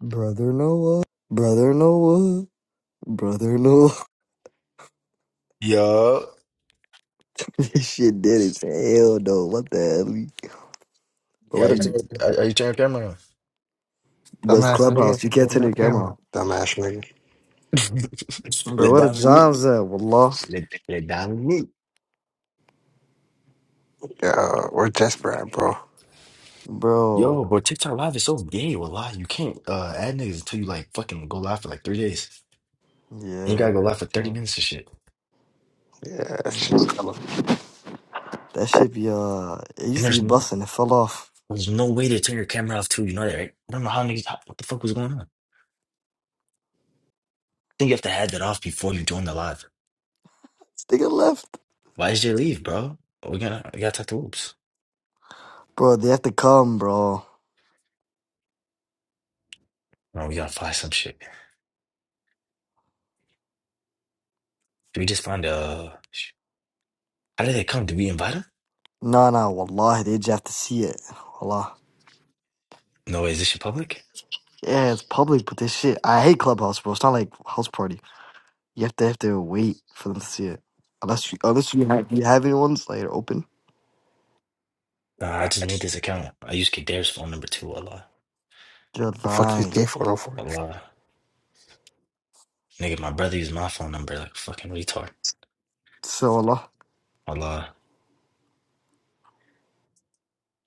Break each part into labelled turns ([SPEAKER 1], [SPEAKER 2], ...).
[SPEAKER 1] Brother Noah, brother Noah, brother Noah.
[SPEAKER 2] Yo,
[SPEAKER 1] this shit dead as hell, though. What the hell? Bro,
[SPEAKER 2] yeah,
[SPEAKER 1] what
[SPEAKER 2] you
[SPEAKER 1] a
[SPEAKER 2] turn, are, are you turn your camera on?
[SPEAKER 1] best
[SPEAKER 3] Dumbass nigga.
[SPEAKER 1] clubhouse. You can't
[SPEAKER 3] Ain't
[SPEAKER 1] turn
[SPEAKER 3] no
[SPEAKER 1] your camera
[SPEAKER 3] camera.
[SPEAKER 1] off.
[SPEAKER 3] Dumbass nigga.
[SPEAKER 1] Bro,
[SPEAKER 2] Let
[SPEAKER 1] what a
[SPEAKER 2] Dominique,
[SPEAKER 1] John's at? We lost,
[SPEAKER 2] let, let Dominique.
[SPEAKER 3] Yeah, uh, we're desperate, bro.
[SPEAKER 1] bro.
[SPEAKER 2] Yo, bro, TikTok live is so gay. Well, lie, you can't uh, add niggas until you like fucking go live for like three days. And you gotta
[SPEAKER 1] Yeah,
[SPEAKER 2] go live for thirty
[SPEAKER 1] can't.
[SPEAKER 2] minutes and shit.
[SPEAKER 3] Yeah, that shit's color.
[SPEAKER 1] yeah. that shit be uh. It
[SPEAKER 2] And
[SPEAKER 1] used to be
[SPEAKER 2] there's no,
[SPEAKER 1] busting. It fell off.
[SPEAKER 2] there's no way to turn your camera off too. You know that, right? I don't know how niggas. How, what the fuck was going on? I think you have to add that off before you join the live.
[SPEAKER 1] Sticker left,
[SPEAKER 2] Why did you leave, bro? We gotta, we gotta talk to Oops.
[SPEAKER 1] bro. They have to come, bro.
[SPEAKER 2] No, we gotta find some shit. Did we just find uh? How did they come? Did we invite them?
[SPEAKER 1] Nah, nah. Wallahi, they just have to see it. Wallah.
[SPEAKER 2] No, is this shit public?
[SPEAKER 1] Yeah, it's public, but this shit. I hate clubhouse, bro. It's not like house party. You have to have to wait for them to see it. Unless you unless you have you have any ones later open.
[SPEAKER 2] Nah, I just made this account. I use Kader's phone number too. Allah.
[SPEAKER 3] The fuck
[SPEAKER 1] July.
[SPEAKER 3] you gay for no for?
[SPEAKER 2] Allah. Nigga, my brother used my phone number like a fucking retard.
[SPEAKER 1] So Allah.
[SPEAKER 2] Allah.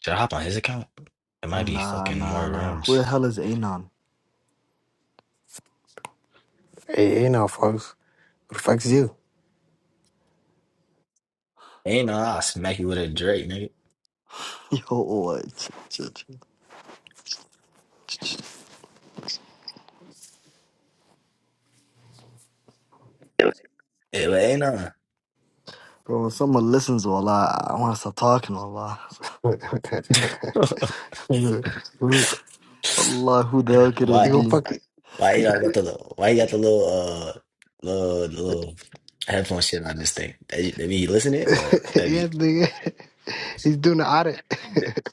[SPEAKER 2] Should I hop on his account? It might be
[SPEAKER 1] Nah
[SPEAKER 2] fucking
[SPEAKER 1] nah
[SPEAKER 2] more
[SPEAKER 1] nah. Who the
[SPEAKER 2] rooms.
[SPEAKER 1] hell is Anon?
[SPEAKER 3] Hey, hey now, folks. Who the fuck's you?
[SPEAKER 2] Ain't nah, I'll smack you with a Drake, nigga.
[SPEAKER 1] Yo, oh, ch- ch- ch- ch- ch-
[SPEAKER 2] Hey, but ain't nah.
[SPEAKER 1] bro. When someone listens, to Allah, I want to stop talking. to Allah, Allah, who the hell could
[SPEAKER 2] Why
[SPEAKER 3] they
[SPEAKER 1] it
[SPEAKER 3] go
[SPEAKER 1] be?
[SPEAKER 3] fuck.
[SPEAKER 2] why you know, I got the little why you got the little uh little little headphone shit on this thing? That, that be you listening or that be
[SPEAKER 3] yeah, nigga. He's doing the audit.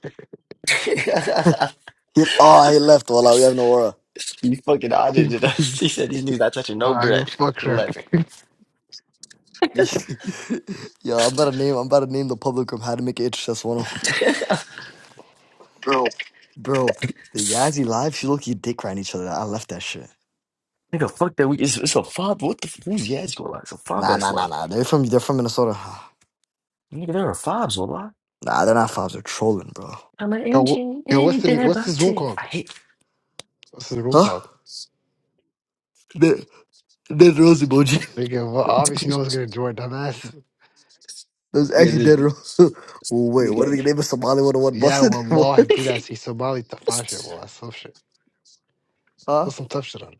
[SPEAKER 1] He, oh, he left. Wallah, we have no aura.
[SPEAKER 2] You fucking
[SPEAKER 3] he
[SPEAKER 2] audited us.
[SPEAKER 3] fucking.
[SPEAKER 2] He said these niggas not touching no
[SPEAKER 3] Why you
[SPEAKER 2] bread.
[SPEAKER 3] fuck
[SPEAKER 2] Left.
[SPEAKER 3] shark?
[SPEAKER 1] Yo, I'm about to name. I'm about to name the public room how to make it HS one. oh one.
[SPEAKER 3] Bro.
[SPEAKER 1] Bro, the Yazzie live. She look you dick riding each other. I left that shit.
[SPEAKER 2] Nigga, fuck that. We it's, it's a fob. What the who's Yaz gonna lie? It's a fob
[SPEAKER 1] Nah,
[SPEAKER 2] ass
[SPEAKER 1] nah, nah,
[SPEAKER 2] lie.
[SPEAKER 1] nah. They're from they're from Minnesota.
[SPEAKER 2] Nigga, there are fobs a lot.
[SPEAKER 1] Nah, they're not fobs. They're trolling, bro.
[SPEAKER 2] I'm an
[SPEAKER 3] Yo,
[SPEAKER 2] engine
[SPEAKER 3] wh- yo, what's
[SPEAKER 2] and
[SPEAKER 3] the
[SPEAKER 2] that
[SPEAKER 3] what's this room
[SPEAKER 2] body. I
[SPEAKER 3] called?
[SPEAKER 2] hate
[SPEAKER 3] What's this room
[SPEAKER 1] Huh?
[SPEAKER 3] called?
[SPEAKER 1] Dead, dead rose emoji.
[SPEAKER 3] Nigga, well, obviously no one's gonna join dumbass.
[SPEAKER 1] There's
[SPEAKER 2] yeah,
[SPEAKER 1] actually
[SPEAKER 2] this
[SPEAKER 1] dead rose. Wait, what did they
[SPEAKER 2] nigga.
[SPEAKER 1] name a Somali 101
[SPEAKER 3] Yeah,
[SPEAKER 1] busted?
[SPEAKER 3] wallahi,
[SPEAKER 1] what?
[SPEAKER 3] bilas, he's Somali tafasha, well, that's some shit.
[SPEAKER 1] Huh?
[SPEAKER 3] Put some tough shit on it.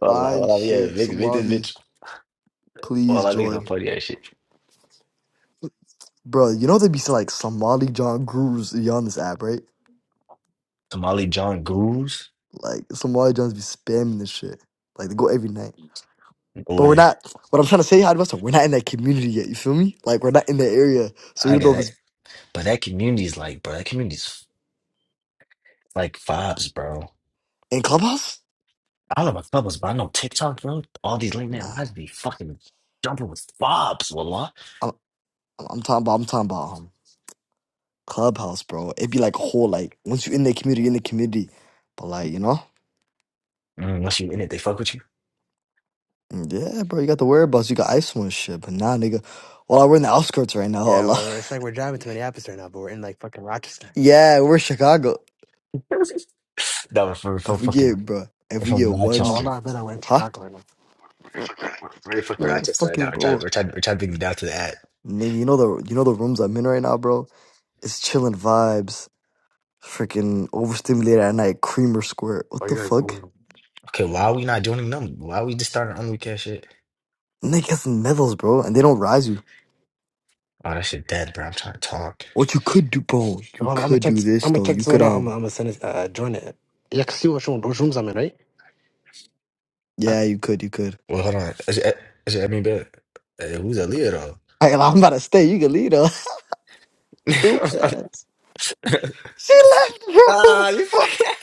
[SPEAKER 2] Wallah,
[SPEAKER 1] Fine
[SPEAKER 2] wallah, yeah,
[SPEAKER 1] shit,
[SPEAKER 2] make, make this
[SPEAKER 1] Somali.
[SPEAKER 2] bitch.
[SPEAKER 1] Please
[SPEAKER 2] Wallah, make some
[SPEAKER 1] join.
[SPEAKER 2] funny ass shit.
[SPEAKER 1] Bro, you know they be some, like Somali John gurus on this app, right?
[SPEAKER 2] Somali John Goose.
[SPEAKER 1] Like Somali Johns be spamming this shit. Like they go every night. But we're
[SPEAKER 2] Boy,
[SPEAKER 1] not. What I'm trying to say, Hadvesta, we're not in that community yet. You feel me? Like we're not in that area, so you
[SPEAKER 2] I
[SPEAKER 1] don't
[SPEAKER 2] got
[SPEAKER 1] know if
[SPEAKER 2] that.
[SPEAKER 1] it's
[SPEAKER 2] But that community's like, bro, that community's like fobs, bro.
[SPEAKER 1] in clubhouse.
[SPEAKER 2] I do my bubbles, but I know TikTok, bro. All these late
[SPEAKER 1] Nah.
[SPEAKER 2] night lives be fucking jumping with fobs, wallah.
[SPEAKER 1] I'm I'm talking about I'm talking about um, Clubhouse, bro. It'd be like a whole like once you in the community, you in the community. But like, you know?
[SPEAKER 2] Mm, Unless you in it, they fuck with you.
[SPEAKER 1] Mm, Yeah, bro, you got the whereabouts, you got ice and shit. But nah nigga. Well, we're in the outskirts right now,
[SPEAKER 3] Yeah,
[SPEAKER 1] Allah.
[SPEAKER 3] we're, we're- it's like we're driving to Minneapolis right now, but we're in like fucking Rochester.
[SPEAKER 1] Yeah, we're Chicago.
[SPEAKER 2] No, we're from, we're from
[SPEAKER 1] If we get
[SPEAKER 2] fucking
[SPEAKER 1] bro,
[SPEAKER 2] we're
[SPEAKER 1] if we
[SPEAKER 2] from
[SPEAKER 1] get
[SPEAKER 3] Oh, well,
[SPEAKER 1] one
[SPEAKER 3] no,
[SPEAKER 2] Rochester.
[SPEAKER 3] I bet I went to
[SPEAKER 1] huh?
[SPEAKER 3] Chicago right now.
[SPEAKER 2] We're we're fucking
[SPEAKER 1] We're
[SPEAKER 2] Rochester right now.
[SPEAKER 1] fucking
[SPEAKER 2] We're
[SPEAKER 1] bro.
[SPEAKER 2] trying we're trying we're trying to bring it down to the ad.
[SPEAKER 1] Nigga, you know the you know the rooms I'm in right now, bro? It's chilling vibes. Freaking overstimulated at night, creamer square, What
[SPEAKER 3] Oh,
[SPEAKER 1] the
[SPEAKER 3] you're a
[SPEAKER 1] fuck?
[SPEAKER 3] goon.
[SPEAKER 2] Okay, why are we not doing them? Why are we just starting on weekend shit?
[SPEAKER 1] Nigga in medals, bro, and they don't rise you.
[SPEAKER 2] Oh, that shit dead, bro. I'm trying to talk.
[SPEAKER 1] What you could do, bro? You
[SPEAKER 3] Hold on, I'm gonna
[SPEAKER 1] could
[SPEAKER 3] check.
[SPEAKER 1] do
[SPEAKER 3] This, I'm
[SPEAKER 1] this
[SPEAKER 3] gonna
[SPEAKER 1] though.
[SPEAKER 3] check
[SPEAKER 1] You
[SPEAKER 3] this
[SPEAKER 1] could
[SPEAKER 3] one out. I'm,
[SPEAKER 1] um,
[SPEAKER 3] gonna- I'm gonna send it. Uh, join it. Yeah, I can see which one, which rooms I'm in, right?
[SPEAKER 1] yeah, you could, you could.
[SPEAKER 2] Well, hold on. Is it, is it, I mean, but hey, who's Aaliyah
[SPEAKER 1] Hey, I'm about to stay. You can leave her. Stupid ass.
[SPEAKER 2] though?
[SPEAKER 1] She left,
[SPEAKER 2] Ah, you
[SPEAKER 1] bro.
[SPEAKER 2] fucking.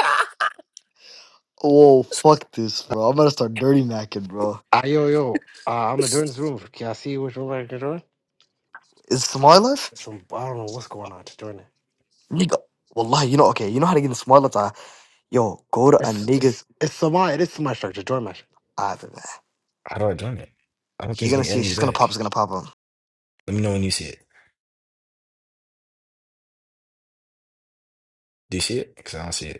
[SPEAKER 1] Oh, fuck this, bro. I'm gonna start dirty macking, bro.
[SPEAKER 3] Ah, yo, yo. Uh, I'm gonna join this room. Can I see which room I can join?
[SPEAKER 1] Is Smart left?
[SPEAKER 3] Some I don't know what's going on. Just join it.
[SPEAKER 1] Nigga, wallahi, you know, okay, you know how to get in Smart left? I, yo, go to a
[SPEAKER 3] It's,
[SPEAKER 1] nigga.
[SPEAKER 3] it's, it's my, it is my structure. Join my
[SPEAKER 1] Alright, man.
[SPEAKER 2] How do I join it? I don't
[SPEAKER 1] You're
[SPEAKER 2] think this
[SPEAKER 1] gonna
[SPEAKER 2] gonna
[SPEAKER 1] see,
[SPEAKER 2] me
[SPEAKER 1] she's gonna pop, it's
[SPEAKER 2] back.
[SPEAKER 1] gonna pop him.
[SPEAKER 2] Let me know when you see it. Do you see it? Because I don't see it.